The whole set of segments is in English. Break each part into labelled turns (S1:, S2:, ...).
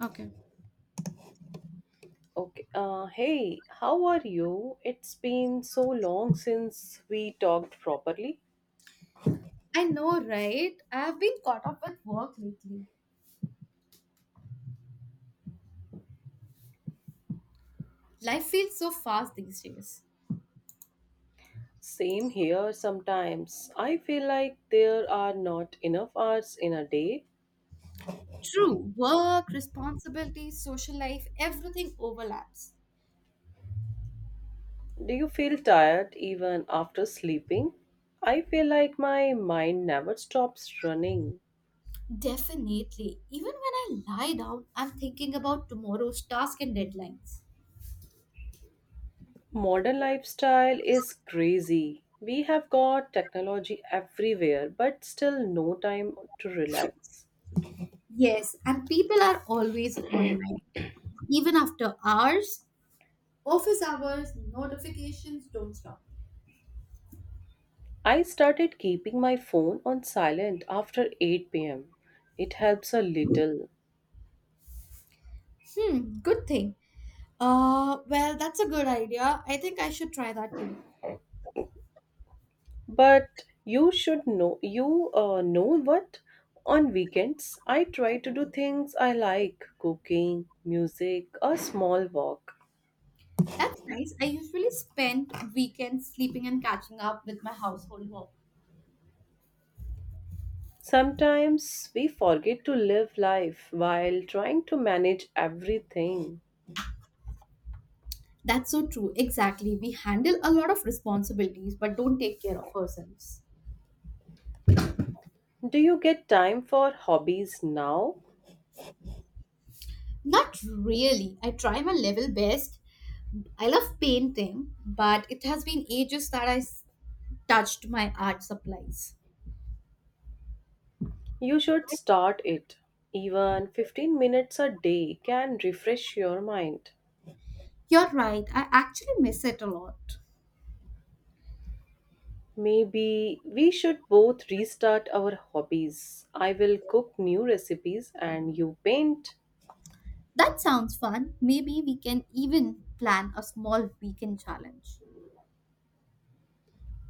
S1: Okay.
S2: Okay. Hey, how are you? It's been so long since we talked properly.
S1: I know, right? I've been caught up with work lately. Life feels so fast these days.
S2: Same here sometimes. I feel like there are not enough hours in a day.
S1: True. Work, responsibilities, social life, everything overlaps.
S2: Do you feel tired even after sleeping? I feel like my mind never stops running.
S1: Definitely. Even when I lie down, I'm thinking about tomorrow's task and deadlines.
S2: Modern lifestyle is crazy. We have got technology everywhere, but still no time to relax.
S1: Yes, and people are always online, even after hours. Office hours, notifications don't stop.
S2: I started keeping my phone on silent after 8 pm. It helps a little.
S1: Good thing. Well, that's a good idea. I think I should try that too.
S2: But you should know, you know what? On weekends, I try to do things I like cooking, music, a small walk.
S1: That's nice. I usually spend weekends sleeping and catching up with my household work.
S2: Sometimes we forget to live life while trying to manage everything.
S1: That's so true. Exactly. We handle a lot of responsibilities but don't take care of ourselves.
S2: Do you get time for hobbies now?
S1: Not really. I try my level best. I love painting, but it has been ages that I touched my art supplies.
S2: You should start it. Even 15 minutes a day can refresh your mind.
S1: You're right. I actually miss it a lot.
S2: Maybe we should both restart our hobbies. I will cook new recipes and you paint.
S1: That sounds fun. Maybe we can even plan a small weekend challenge.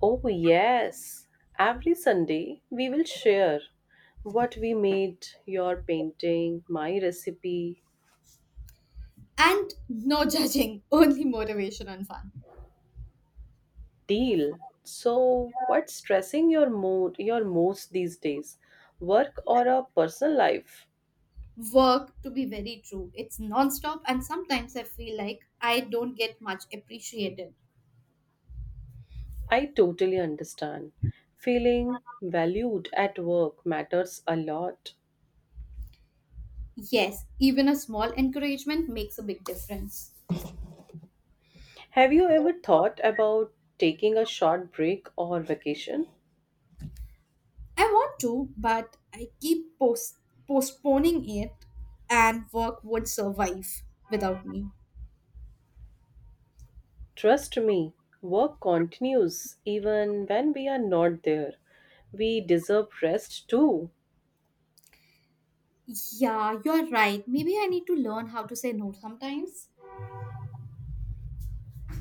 S2: Oh, yes. Every Sunday we will share what we made, your painting, my recipe.
S1: And no judging, only motivation and fun.
S2: Deal. So, what's stressing your mood, your most these days? Work or a personal life?
S1: Work, to be very true, it's non-stop and sometimes I feel like I don't get much appreciated.
S2: I totally understand. Feeling valued at work matters a lot.
S1: Yes, even a small encouragement makes a big difference.
S2: Have you ever thought about taking a short break or vacation?
S1: I want to, but I keep postponing it and work would survive without me.
S2: Trust me, work continues even when we are not there. We deserve rest too.
S1: Yeah, you're right. Maybe I need to learn how to say no sometimes.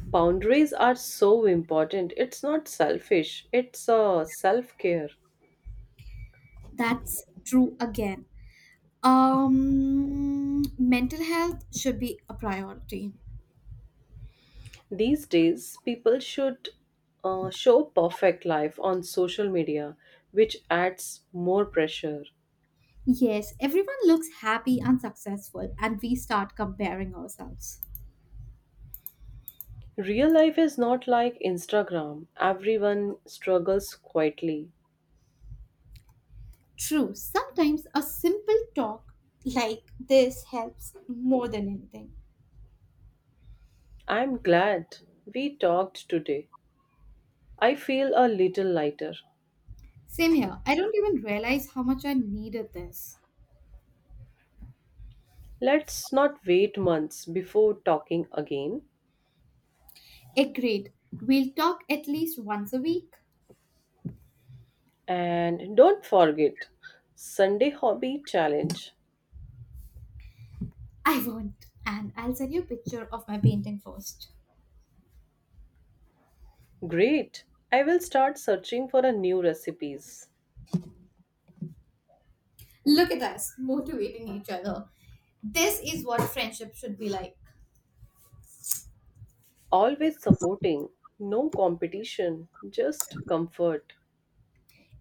S2: Boundaries are so important. It's not selfish, it's a self care.
S1: That's true again. Mental health should be a priority.
S2: These days, people should show perfect life on social media, which adds more pressure.
S1: Yes, everyone looks happy and successful, and we start comparing ourselves.
S2: Real life is not like Instagram, everyone struggles quietly.
S1: True, sometimes a simple talk like this helps more than anything.
S2: I'm glad we talked today. I feel a little lighter.
S1: Same here, I don't even realize how much I needed this.
S2: Let's not wait months before talking again.
S1: Agreed, we'll talk at least once a week.
S2: And don't forget Sunday Hobby Challenge.
S1: I won't, and I'll send you a picture of my painting first.
S2: Great! I will start searching for a new recipes.
S1: Look at us, motivating each other. This is what friendship should be like.
S2: Always supporting, no competition, just comfort.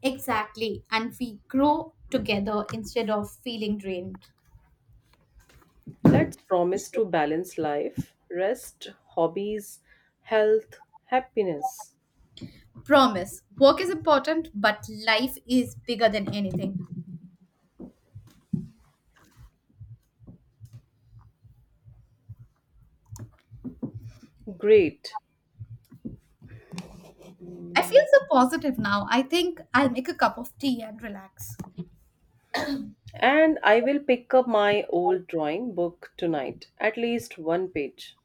S1: Exactly, and we grow together instead of feeling drained.
S2: Let's promise to balance life, rest, hobbies, health, happiness.
S1: Promise, work is important, but life is bigger than anything.
S2: Great.
S1: I feel so positive now. I think I'll make a cup of tea and relax.
S2: And I will pick up my old drawing book tonight, at least one page.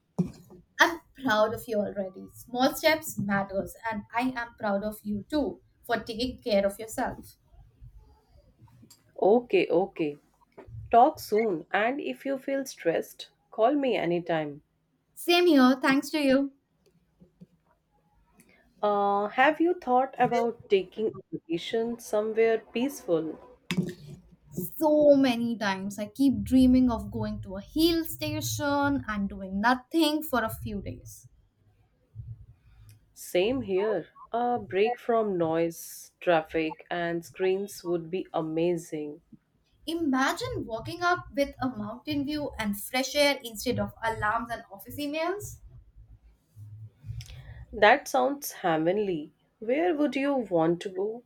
S1: I'm proud of you already. Small steps matters, and I am proud of you too for taking care of yourself.
S2: Okay, okay. Talk soon, and if you feel stressed, call me anytime.
S1: Same here, thanks to you.
S2: Have you thought about taking a vacation somewhere peaceful?
S1: So many times I keep dreaming of going to a hill station and doing nothing for a few days.
S2: Same here. A break from noise, traffic, and screens would be amazing.
S1: Imagine walking up with a mountain view and fresh air instead of alarms and office emails.
S2: That sounds heavenly. Where would you want to go?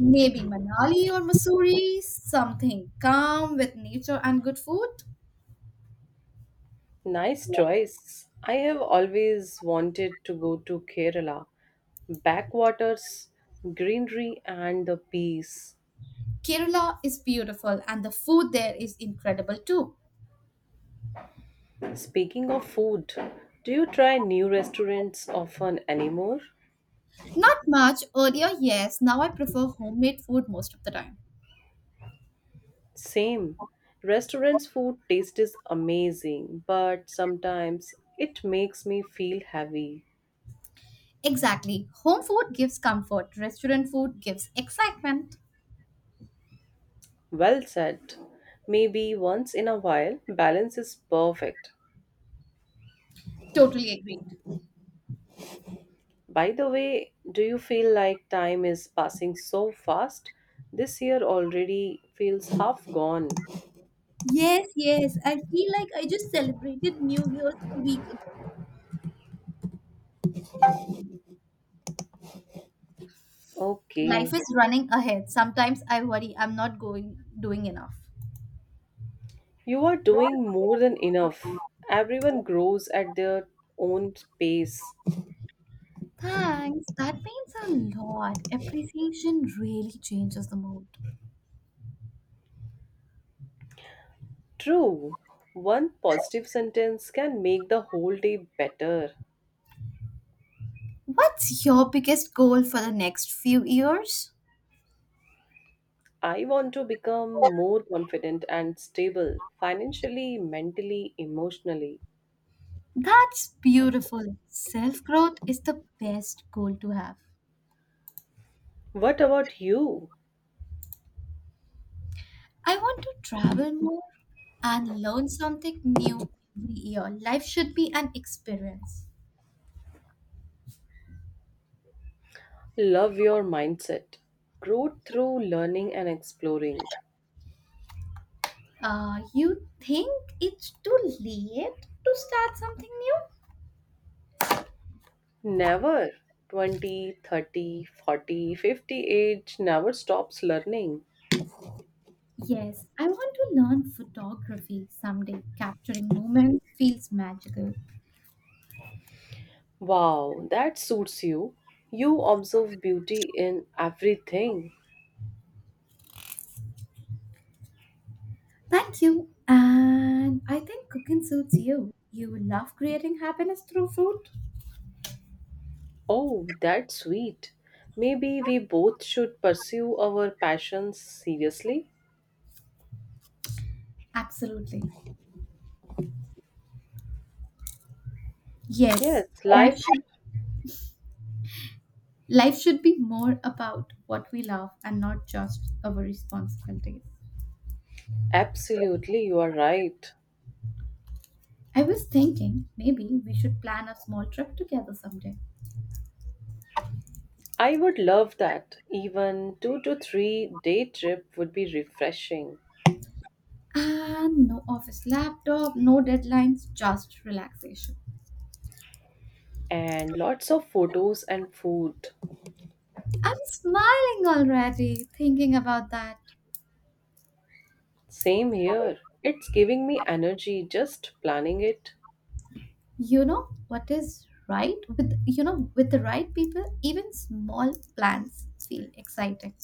S1: Maybe Manali or Missouri, something calm with nature and good food.
S2: Nice choice. I have always wanted to go to Kerala. Backwaters, greenery, and the peace.
S1: Kerala is beautiful and the food there is incredible too.
S2: Speaking of food, do you try new restaurants often anymore?
S1: Not much earlier, yes, now I prefer homemade food most of the time.
S2: Same. Restaurants' food taste is amazing, but sometimes it makes me feel heavy.
S1: Exactly, home food gives comfort, restaurant food gives excitement.
S2: Well said. Maybe once in a while, balance is perfect.
S1: Totally agree.
S2: By the way, do you feel like time is passing so fast? This year already feels half gone.
S1: Yes, yes. I feel like I just celebrated New Year's a week.
S2: Okay.
S1: Life is running ahead. Sometimes I worry I'm not going doing enough.
S2: You are doing more than enough. Everyone grows at their own pace.
S1: Thanks. That means a lot. Appreciation really changes the mood.
S2: True, one positive sentence can make the whole day better.
S1: What's your biggest goal for the next few years?
S2: I want to become more confident and stable financially, mentally, emotionally.
S1: That's beautiful. Self growth is the best goal to have.
S2: What about you?
S1: I want to travel more and learn something new every year. Life should be an experience.
S2: Love your mindset. Growth through learning and exploring.
S1: You think it's too late to start something new?
S2: Never 20, 30, 40, 50 age never stops learning.
S1: Yes, I want to learn photography someday. Capturing moments feels magical.
S2: Wow, that suits you. You observe beauty in everything.
S1: Thank you. And I think cooking suits you. You love creating happiness through food?
S2: Oh, that's sweet. Maybe we both should pursue our passions seriously.
S1: Absolutely.
S2: Yes,
S1: Yes, life
S2: life.
S1: should, life should be more about what we love and not just our responsibilities.
S2: Absolutely, you are right.
S1: I was thinking maybe we should plan a small trip together someday.
S2: I would love that. Even 2 to 3 day trip would be refreshing.
S1: And no office laptop, no deadlines, just relaxation.
S2: And lots of photos and food.
S1: I'm smiling already thinking about that.
S2: Same here. It's giving me energy just planning it.
S1: You know what is right with you know with the right people, even small plans feel exciting.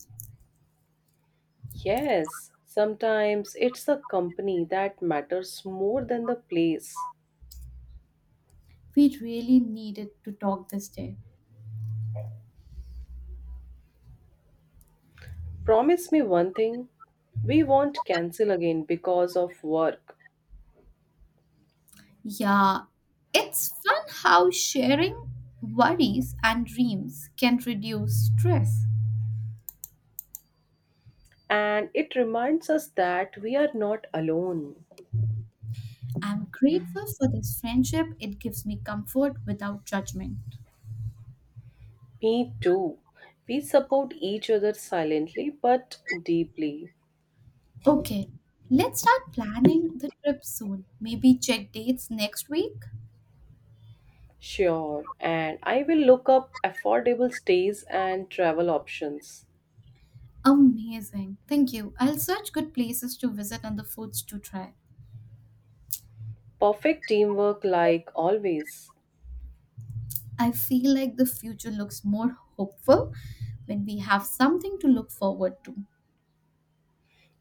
S2: Yes, sometimes it's the company that matters more than the place.
S1: We really needed to talk this day.
S2: Promise me one thing we won't cancel again because of work.
S1: Yeah, it's fun how sharing worries and dreams can reduce stress.
S2: And it reminds us that we are not alone.
S1: I'm grateful for this friendship. It gives me comfort without judgment.
S2: Me too. We support each other silently but deeply.
S1: Okay, let's start planning the trip soon. Maybe check dates next week.
S2: Sure, and I will look up affordable stays and travel options.
S1: Amazing. Thank you. I'll search good places to visit and the foods to try.
S2: Perfect teamwork, like always.
S1: I feel like the future looks more hopeful when we have something to look forward to.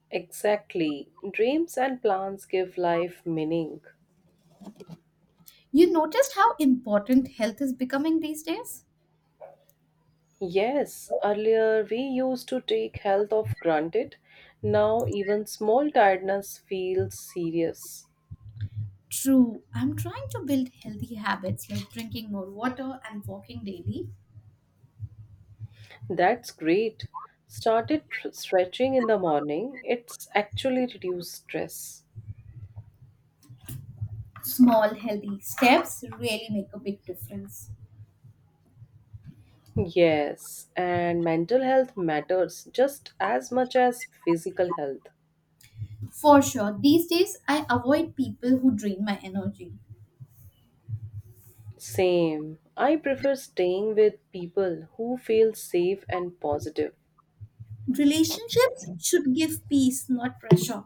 S2: Exactly. Dreams and plans give life meaning.
S1: You noticed how important health is becoming these days?
S2: Yes, earlier we used to take health of granted. Now even small tiredness feels serious.
S1: True. I'm trying to build healthy habits like drinking more water and walking daily.
S2: That's great. Started stretching in the morning. It's actually reduced stress.
S1: Small healthy steps really make a big difference.
S2: Yes, and mental health matters just as much as physical health.
S1: For sure, these days I avoid people who drain my energy.
S2: Same. I prefer staying with people who feel safe and positive.
S1: Relationships should give peace, not pressure.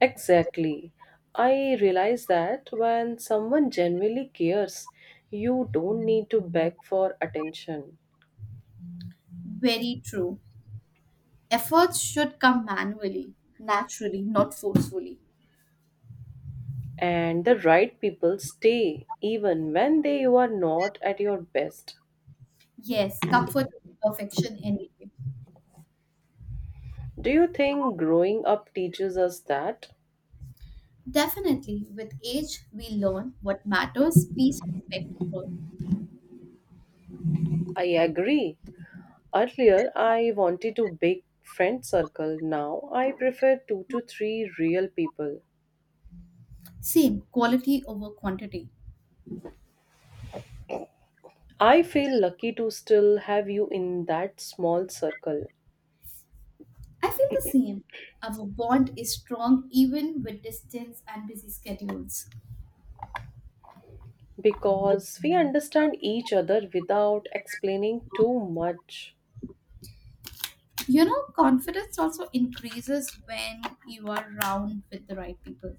S2: Exactly. I realize that when someone genuinely cares, you don't need to beg for attention.
S1: Very true. Efforts should come manually, naturally, not forcefully.
S2: And the right people stay even when they you are not at your best.
S1: Yes, comfort is perfection anyway.
S2: Do you think growing up teaches us that?
S1: Definitely, with age, we learn what matters, peace, respect, growth.
S2: I agree. Earlier, I wanted to big friend circle. Now, I prefer two to three real people.
S1: Same, quality over quantity.
S2: I feel lucky to still have you in that small circle.
S1: I feel the same. Our bond is strong even with distance and busy schedules.
S2: Because we understand each other without explaining too much.
S1: You know, confidence also increases when you are around with the right people.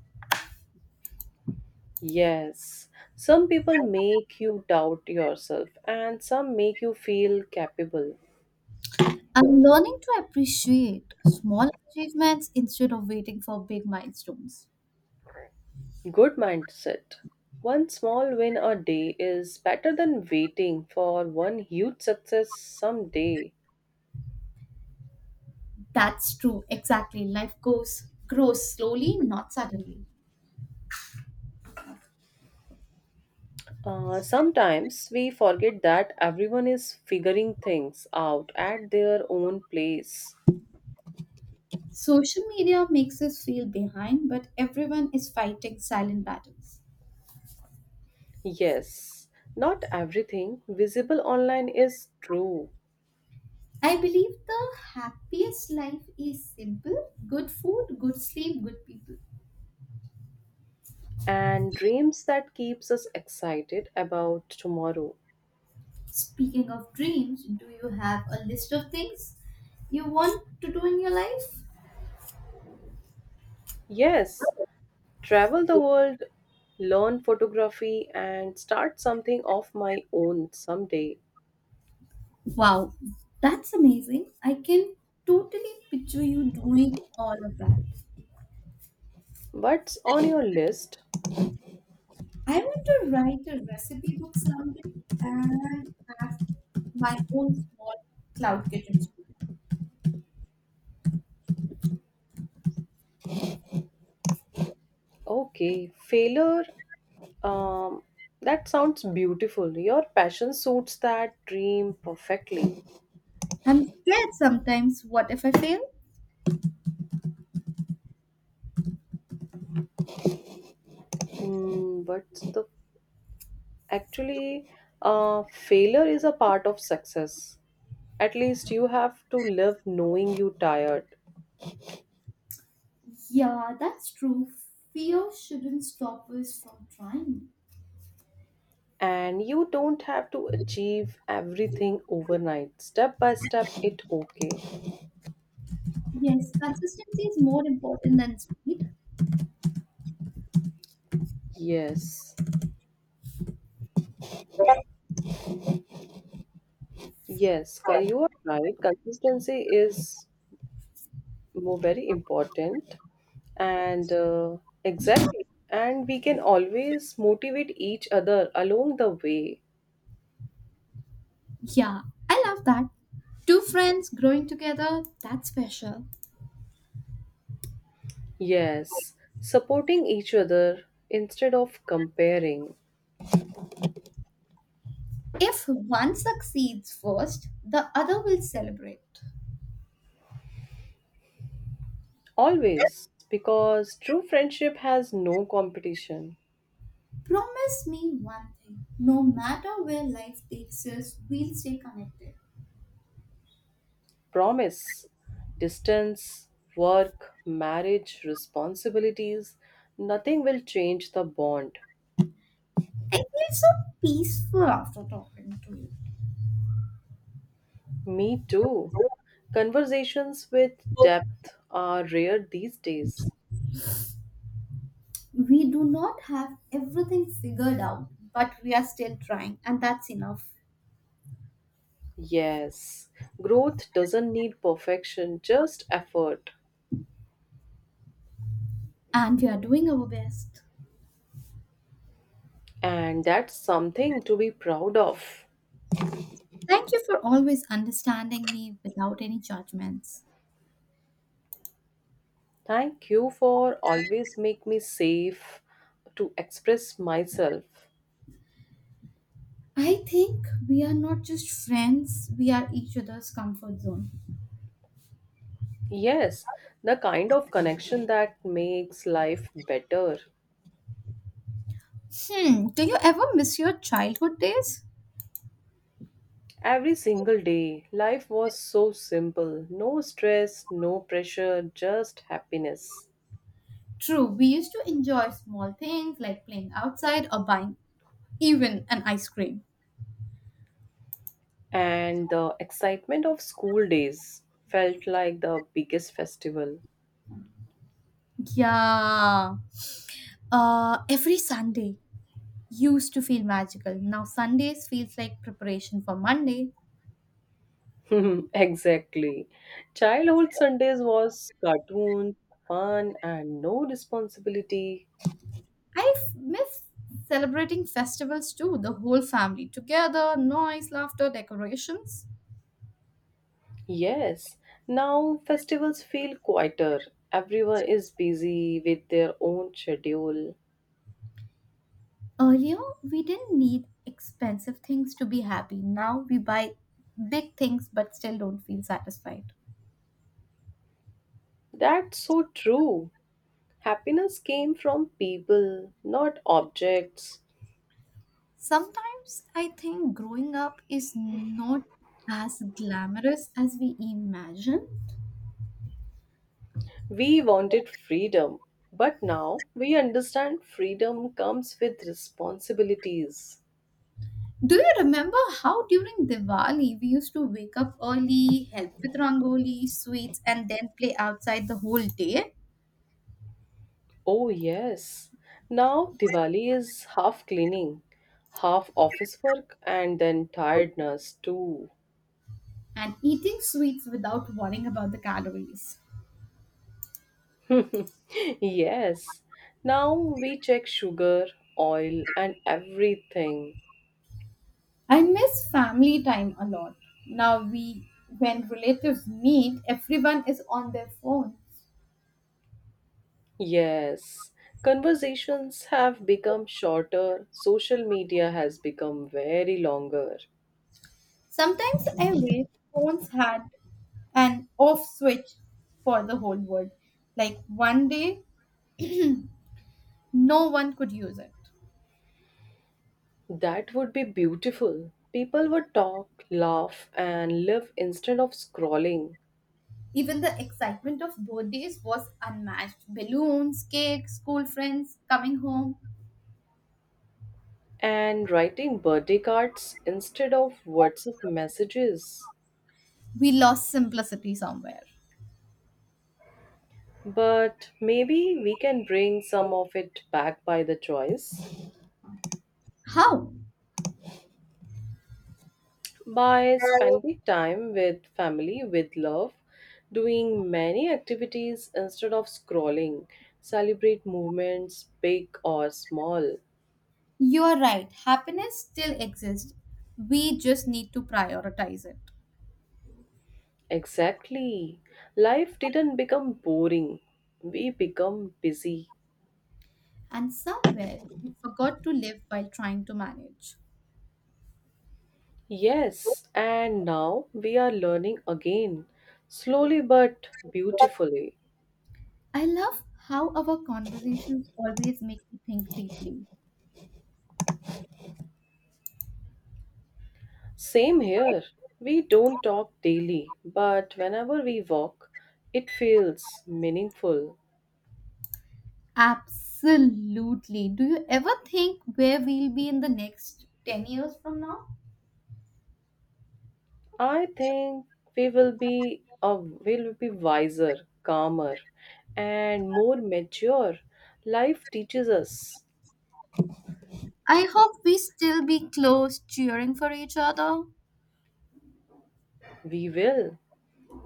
S2: Yes, some people make you doubt yourself, and some make you feel capable.
S1: I'm learning to appreciate small achievements instead of waiting for big milestones.
S2: Good mindset. One small win a day is better than waiting for one huge success someday.
S1: That's true, exactly. Life goes grows slowly, not suddenly.
S2: Sometimes we forget that everyone is figuring things out at their own place.
S1: Social media makes us feel behind, but everyone is fighting silent battles.
S2: Yes, not everything visible online is true,
S1: I believe the happiest life is simple good food, good sleep, good people.
S2: and dreams that keeps us excited about tomorrow.
S1: Speaking of dreams, do you have a list of things you want to do in your life?
S2: Yes, travel the world, learn photography and start something of my own someday.
S1: Wow, that's amazing. I can totally picture you doing all of that.
S2: What's on your list?
S1: I want to write a recipe book someday and have my own small cloud kitchen studio.
S2: Okay, failure um that sounds beautiful. Your passion suits that dream perfectly.
S1: I'm scared sometimes. What if I fail?
S2: Hmm, what's the Actually, failure is a part of success. At least you have to live knowing you tired.
S1: Yeah, that's true. Fear shouldn't stop us from trying.
S2: And you don't have to achieve everything overnight. Step by step, it okay.
S1: Yes, consistency is more important than speed.
S2: Yes, yes, you are right. Consistency is more very important, and exactly, and we can always motivate each other along the way.
S1: Yeah, I love that. Two friends growing together, that's special.
S2: Yes, supporting each other instead of comparing.
S1: If one succeeds first, the other will celebrate.
S2: Always, because true friendship has no competition.
S1: Promise me one thing no matter where life takes us, we'll stay connected.
S2: Promise, distance, work, marriage, responsibilities, nothing will change the bond.
S1: I feel so peaceful after talking to you.
S2: Me too. Conversations with depth are rare these days.
S1: We do not have everything figured out, but we are still trying, and that's enough.
S2: Yes, growth doesn't need perfection, just effort.
S1: And we are doing our best.
S2: And that's something to be proud of.
S1: Thank you for always understanding me without any judgments.
S2: Thank you for always make me safe to express myself.
S1: I think we are not just friends, we are each other's comfort zone.
S2: Yes, the kind of connection that makes life better.
S1: Do you ever miss your childhood days?
S2: Every single day, life was so simple. No stress, no pressure, just happiness.
S1: True, we used to enjoy small things like playing outside or buying even an ice cream.
S2: And the excitement of school days felt like the biggest festival.
S1: Yeah. Every Sunday used to feel magical. Now Sundays feels like preparation for Monday.
S2: Exactly. Childhood Sundays was cartoons, fun, and no responsibility.
S1: I miss celebrating festivals too, the whole family together, noise, laughter, decorations.
S2: Yes, now festivals feel quieter. Everyone is busy with their own schedule.
S1: Earlier, we didn't need expensive things to be happy. Now we buy big things but still don't feel satisfied.
S2: That's so true. Happiness came from people, not objects.
S1: Sometimes I think growing up is not as glamorous as we imagine.
S2: We wanted freedom, but now we understand freedom comes with responsibilities.
S1: Do you remember how during Diwali we used to wake up early, help with rangoli, sweets, and then play outside the whole day
S2: Oh, yes. Now Diwali is half cleaning, half office work, and then tiredness too.
S1: and eating sweets without worrying about the calories?
S2: Yes. Now we check sugar, oil, and everything.
S1: I miss family time a lot. Now we when relatives meet, everyone is on their phone.
S2: Yes. Conversations have become shorter, social media has become very longer.
S1: Sometimes I wish phones had an off switch for the whole world. Like one day, no one could use it.
S2: That would be beautiful. People would talk, laugh, and live instead of scrolling
S1: Even the excitement of birthdays was unmatched. Balloons, cake, school friends, coming home.
S2: and writing birthday cards instead of WhatsApp messages.
S1: We lost simplicity somewhere.
S2: But maybe we can bring some of it back by the choice.
S1: How?
S2: By spending time with family with love, doing many activities instead of scrolling, celebrate movements big or small.
S1: You are right. Happiness still exists. We just need to prioritize it.
S2: Exactly, life didn't become boring, we become busy.
S1: And somewhere, we forgot to live while trying to manage.
S2: Yes, and now we are learning again, slowly but beautifully.
S1: I love how our conversations always make me think deeply.
S2: Same here, we don't talk daily but whenever we walk it feels meaningful.
S1: Absolutely. Do you ever think where we'll be in the next 10 years from now?
S2: I think we will be wiser, calmer, and more mature. Life teaches us.
S1: I hope we still be close, cheering for each other.
S2: We will.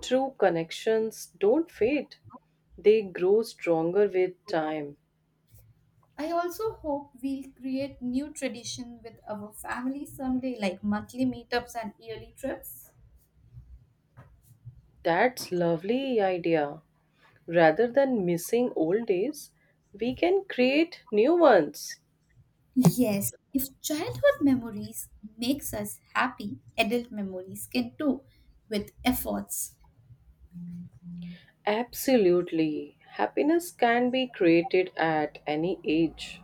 S2: True connections don't fade. They grow stronger with time.
S1: I also hope we'll create new tradition with our family someday, like monthly meetups and yearly trips.
S2: That's lovely idea. Rather than missing old days, we can create new ones.
S1: Yes, if childhood memories makes us happy, adult memories can too, with efforts.
S2: Absolutely. Happiness can be created at any age.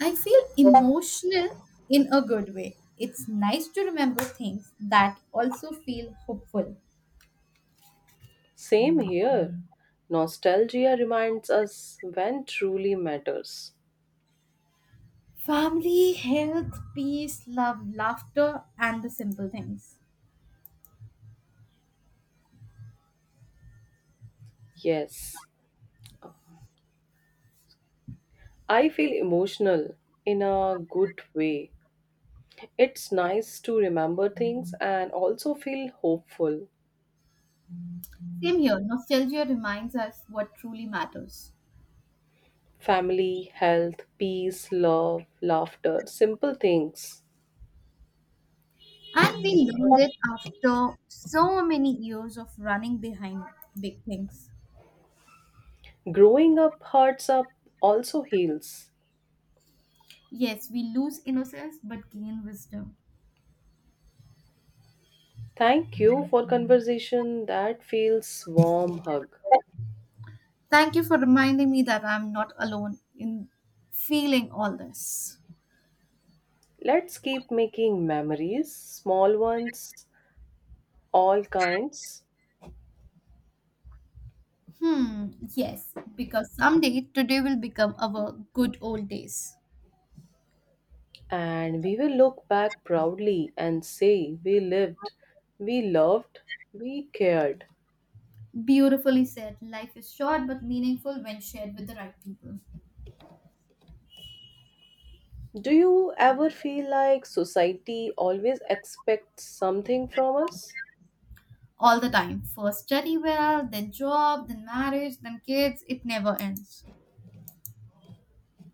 S1: I feel emotional in a good way. It's nice to remember things that also feel hopeful.
S2: Same here. Nostalgia reminds us when truly matters.
S1: Family, health, peace, love, laughter, and the simple things.
S2: Yes, I feel emotional in a good way. It's nice to remember things and also feel hopeful.
S1: Same here, nostalgia reminds us what truly matters.
S2: Family, health, peace, love, laughter, simple things.
S1: And we learned it after so many years of running behind big things.
S2: Growing up hurts up also heals.
S1: Yes, we lose innocence but gain wisdom.
S2: Thank you for conversation that feels warm hug.
S1: Thank you for reminding me that I'm not alone in feeling all this.
S2: Let's keep making memories, small ones all kinds,
S1: Hmm, yes, because someday today will become our good old days.
S2: and we will look back proudly and say we lived, we loved, we cared.
S1: Beautifully said. Life is short but meaningful when shared with the right people.
S2: Do you ever feel like society always expects something from us?
S1: All the time. First study well, then job, then marriage, then kids. It never ends.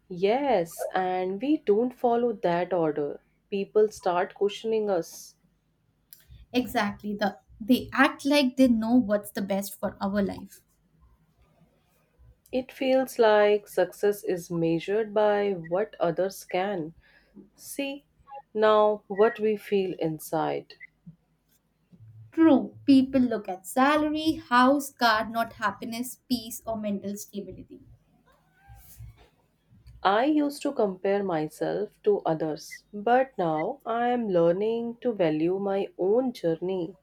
S2: Yes, and we don't follow that order. People start questioning us.
S1: Exactly. The they act like they know what's the best for our life.
S2: It feels like success is measured by what others can see, now what we feel inside.
S1: True. People look at salary, house, car, not happiness, peace, or mental stability.
S2: I used to compare myself to others, but now I am learning to value my own journey.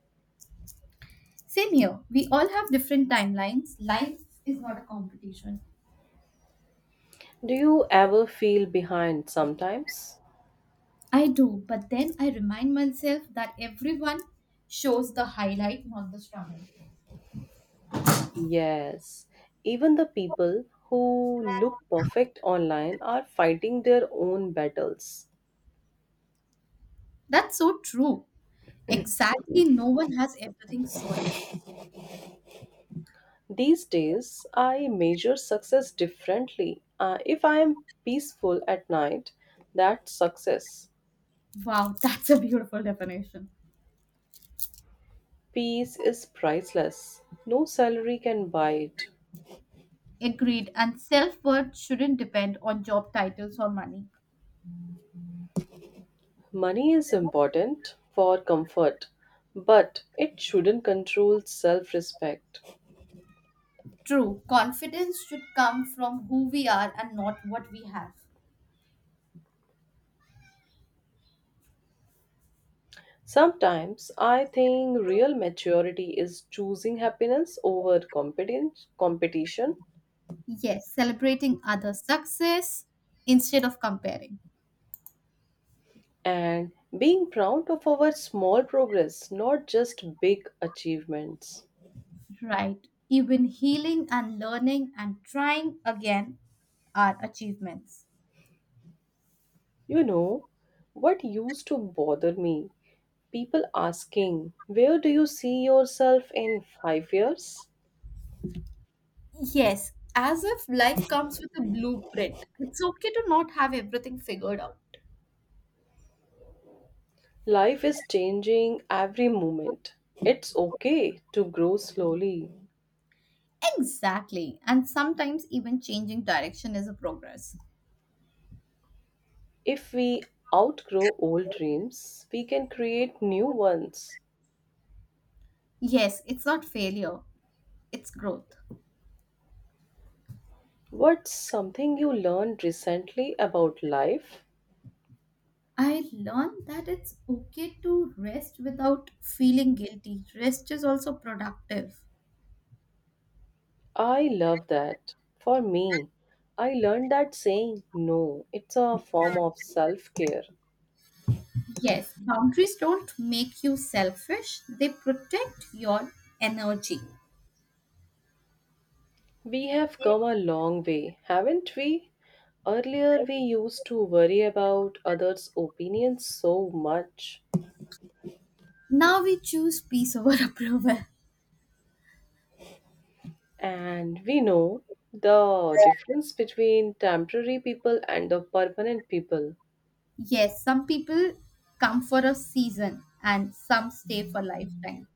S1: Same here. We all have different timelines. Life is not a competition.
S2: Do you ever feel behind sometimes?
S1: I do, but then I remind myself that everyone shows the highlight, not the struggle.
S2: Yes, even the people who look perfect online are fighting their own battles.
S1: That's so true. Exactly, no one has everything sorted.
S2: These days, I measure success differently. If I am peaceful at night, that's success.
S1: Wow, that's a beautiful definition.
S2: Peace is priceless, no salary can buy it.
S1: Agreed, and self worth shouldn't depend on job titles or money.
S2: Money is important for comfort, but it shouldn't control self respect.
S1: True, confidence should come from who we are and not what we have.
S2: Sometimes I think real maturity is choosing happiness over competition,
S1: Yes, celebrating others' success instead of comparing.
S2: and being proud of our small progress, not just big achievements.
S1: Right. Even healing and learning and trying again are achievements.
S2: You know, what used to bother me? People asking, where do you see yourself in 5 years?
S1: Yes, as if life comes with a blueprint. It's okay to not have everything figured out.
S2: Life is changing every moment. It's okay to grow slowly.
S1: Exactly. And sometimes even changing direction is a progress.
S2: If we outgrow old dreams, we can create new ones.
S1: Yes, it's not failure, it's growth.
S2: What's something you learned recently about life?
S1: I learned that it's okay to rest without feeling guilty. Rest is also productive.
S2: I love that. For me, I learned that saying no, it's a form of self care.
S1: Yes, boundaries don't make you selfish, they protect your energy.
S2: We have come a long way, haven't we? Earlier, we used to worry about others' opinions so much.
S1: Now we choose peace over approval.
S2: And we know the difference between temporary people and the permanent people.
S1: Yes, some people come for a season and some stay for lifetime.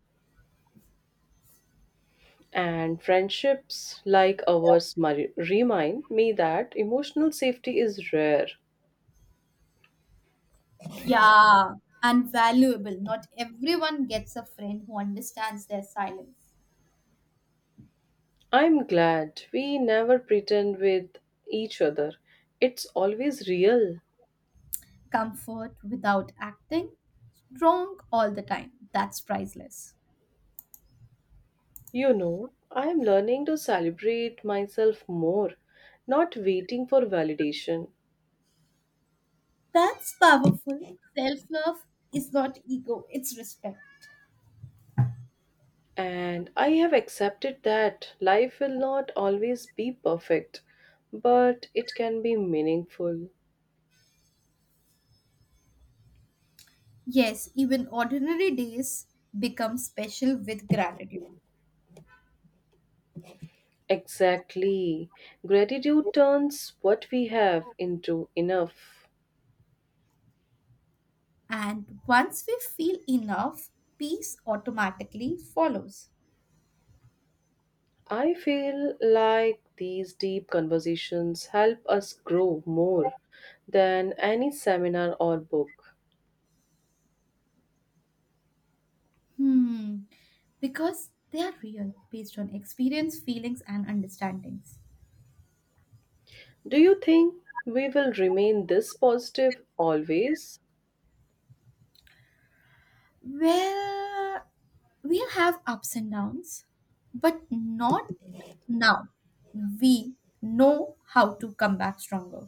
S2: And friendships like ours remind me that emotional safety is rare.
S1: Yeah, and valuable. Not everyone gets a friend who understands their silence.
S2: I'm glad we never pretend with each other. It's always real.
S1: Comfort without acting, strong all the time. That's priceless.
S2: You know, I'm learning to celebrate myself more, not waiting for validation.
S1: That's powerful. Self love is not ego, it's respect.
S2: And I have accepted that life will not always be perfect, but it can be meaningful.
S1: Yes, even ordinary days become special with gratitude.
S2: Exactly. Gratitude turns what we have into enough.
S1: And once we feel enough, peace automatically follows.
S2: I feel like these deep conversations help us grow more than any seminar or book.
S1: Hmm, because they are real, based on experience, feelings, and understandings.
S2: Do you think we will remain this positive always?
S1: Well, we have ups and downs, but not now. We know how to come back stronger,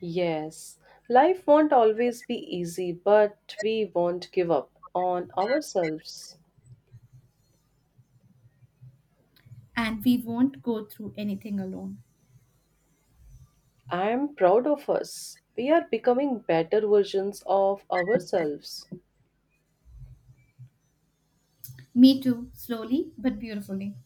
S2: Yes, life won't always be easy, but we won't give up on ourselves.
S1: and we won't go through anything alone.
S2: I am proud of us. We are becoming better versions of ourselves.
S1: Me too, slowly but beautifully.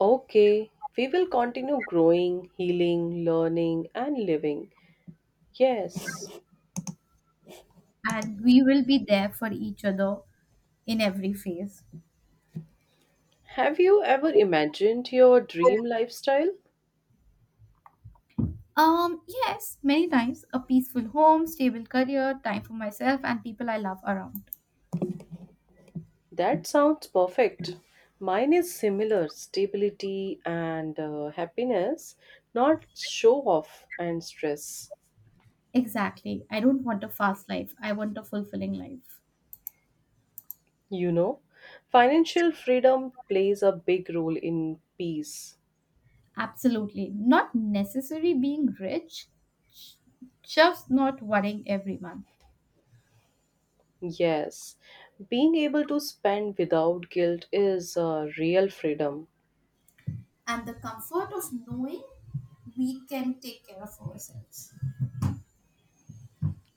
S2: Okay, we will continue growing, healing, learning, and living. Yes.
S1: And we will be there for each other in every phase.
S2: Have you ever imagined your dream lifestyle?
S1: Yes, many times a peaceful home, stable career, time for myself, and people I love around.
S2: That sounds perfect. Mine is similar stability and happiness, not show off and stress.
S1: Exactly. I don't want a fast life, I want a fulfilling life.
S2: You know, financial freedom plays a big role in peace.
S1: Absolutely. Not necessarily being rich, just not worrying every month.
S2: Yes, being able to spend without guilt is real freedom.
S1: And the comfort of knowing we can take care of ourselves.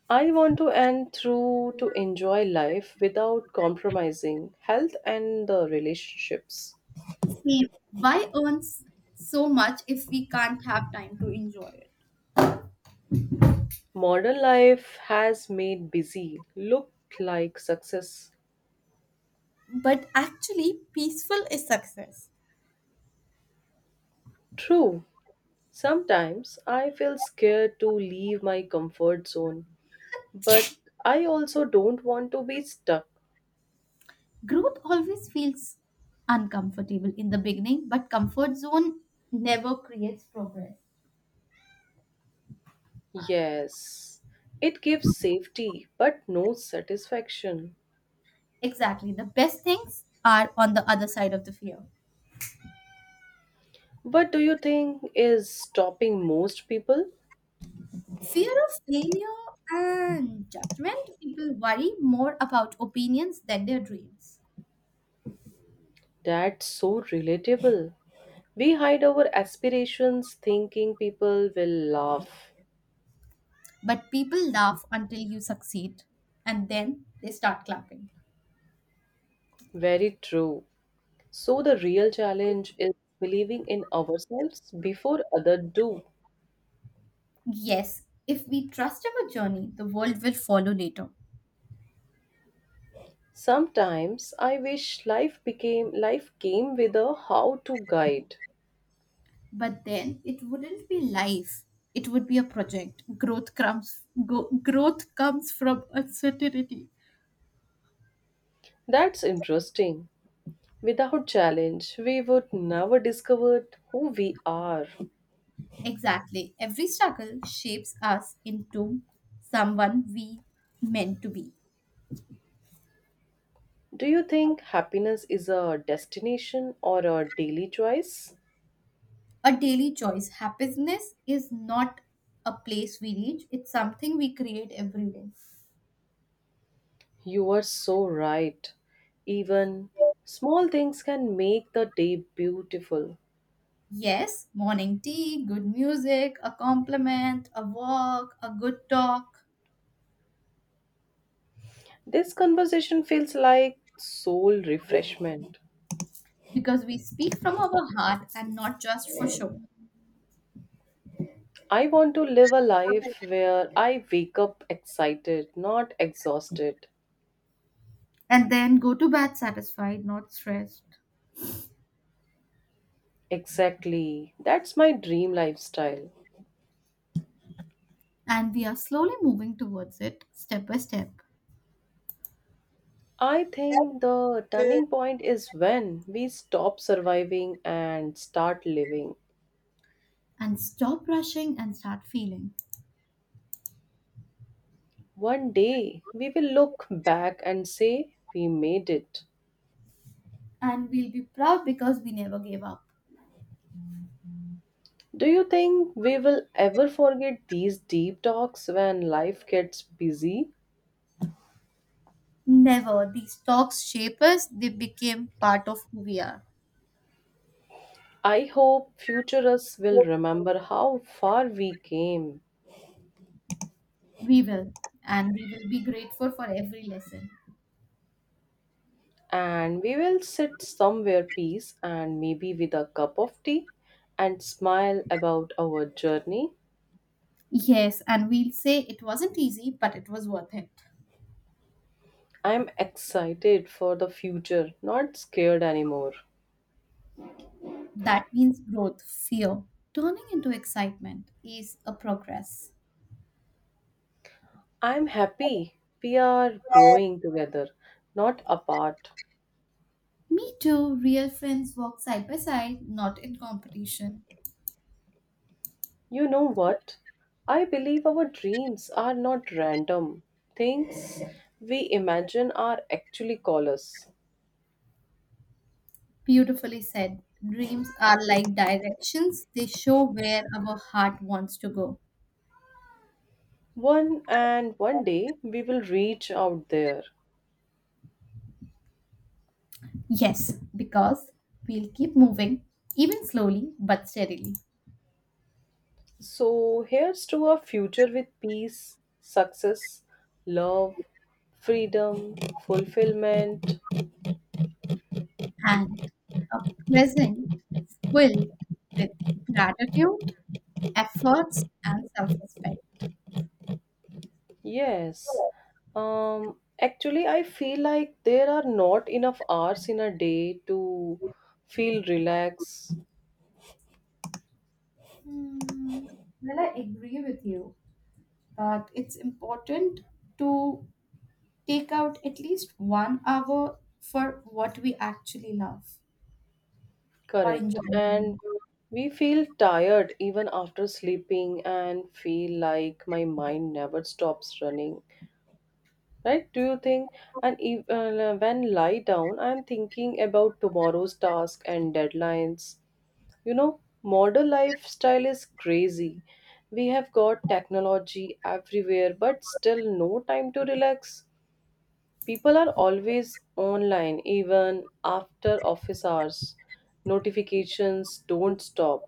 S2: I want to end through to enjoy life without compromising health and the relationships.
S1: See, why earn so much if we can't have time to enjoy it?
S2: Modern life has made busy look like success.
S1: But actually, peaceful is success.
S2: True, sometimes I feel scared to leave my comfort zone, but I also don't want to be stuck.
S1: Growth always feels uncomfortable in the beginning, but comfort zone never creates progress.
S2: Yes, it gives safety but no satisfaction.
S1: Exactly. The best things are on the other side of the fear.
S2: What do you think is stopping most people?
S1: Fear of failure and judgment, people worry more about opinions than their dreams.
S2: That's so relatable. We hide our aspirations thinking people will laugh.
S1: But people laugh until you succeed and then they start clapping.
S2: Very true. So the real challenge is believing in ourselves before others do.
S1: Yes, if we trust our journey, the world will follow later.
S2: Sometimes I wish life became life came with a how to guide.
S1: But then it wouldn't be life. It would be a project. Growth comes from uncertainty.
S2: That's interesting. Without challenge, we would never discover who we are.
S1: Exactly. Every struggle shapes us into someone we meant to be.
S2: Do you think happiness is a destination or a daily choice?
S1: A daily choice. Happiness is not a place we reach, it's something we create every day.
S2: You are so right. Even small things can make the day beautiful.
S1: Yes, morning tea, good music, a compliment, a walk, a good talk,
S2: This conversation feels like soul refreshment.
S1: because we speak from our heart and not just for show.
S2: I want to live a life where I wake up excited, not exhausted.
S1: And then go to bed satisfied, not stressed.
S2: Exactly. That's my dream lifestyle.
S1: And we are slowly moving towards it step by step.
S2: I think the turning point is when we stop surviving and start living.
S1: And stop rushing and start feeling.
S2: One day we will look back and say, we made it.
S1: And we'll be proud because we never gave up.
S2: Do you think we will ever forget these deep talks when life gets busy?
S1: Never. These talks shape us, they became part of who we are.
S2: I hope futurists will remember how far we came
S1: We will. And we will be grateful for every lesson.
S2: and we will sit somewhere peace and maybe with a cup of tea and smile about our journey.
S1: Yes, and we'll say it wasn't easy, but it was worth it.
S2: I'm excited for the future, not scared anymore.
S1: That means growth, fear. Turning into excitement is a progress.
S2: I'm happy we are growing together, not apart.
S1: Me too, real friends walk side by side, not in competition.
S2: You know what? I believe our dreams are not random. Things we imagine are actually callers.
S1: Beautifully said. Dreams are like directions, they show where our heart wants to go.
S2: One day we will reach out there.
S1: Yes, because we'll keep moving, even slowly but steadily.
S2: So, here's to a future with peace, success, love, freedom, fulfillment.
S1: And a present filled with gratitude, efforts, and self respect.
S2: Yes. Actually, I feel like there are not enough hours in a day to feel relaxed,
S1: Hmm, well, I agree with you, but it's important to take out at least one hour for what we actually love or enjoy
S2: correct, and
S1: doing.
S2: we feel tired even after sleeping and feel like my mind never stops running, right? Do you think, and even when lie down I'm thinking about tomorrow's task and deadlines you know Modern lifestyle is crazy. We have got technology everywhere but still no time to relax. People are always online even after office hours. Notifications don't stop,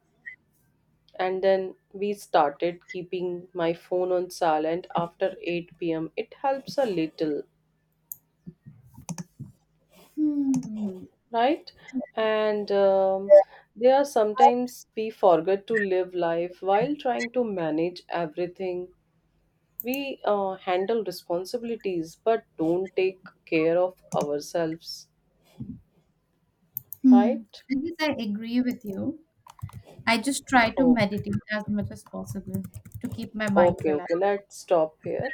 S2: and then we started keeping my phone on silent after 8 p.m. It helps a little.
S1: Hmm.
S2: Right? And they are sometimes we forget to live life while trying to manage everything. We handle responsibilities but don't take care of ourselves,
S1: Hmm.
S2: right?
S1: I guess I agree with you. I just try to
S2: Okay,
S1: meditate as much as possible to keep my mind
S2: okay, okay.
S1: relaxed.
S2: Let's stop here.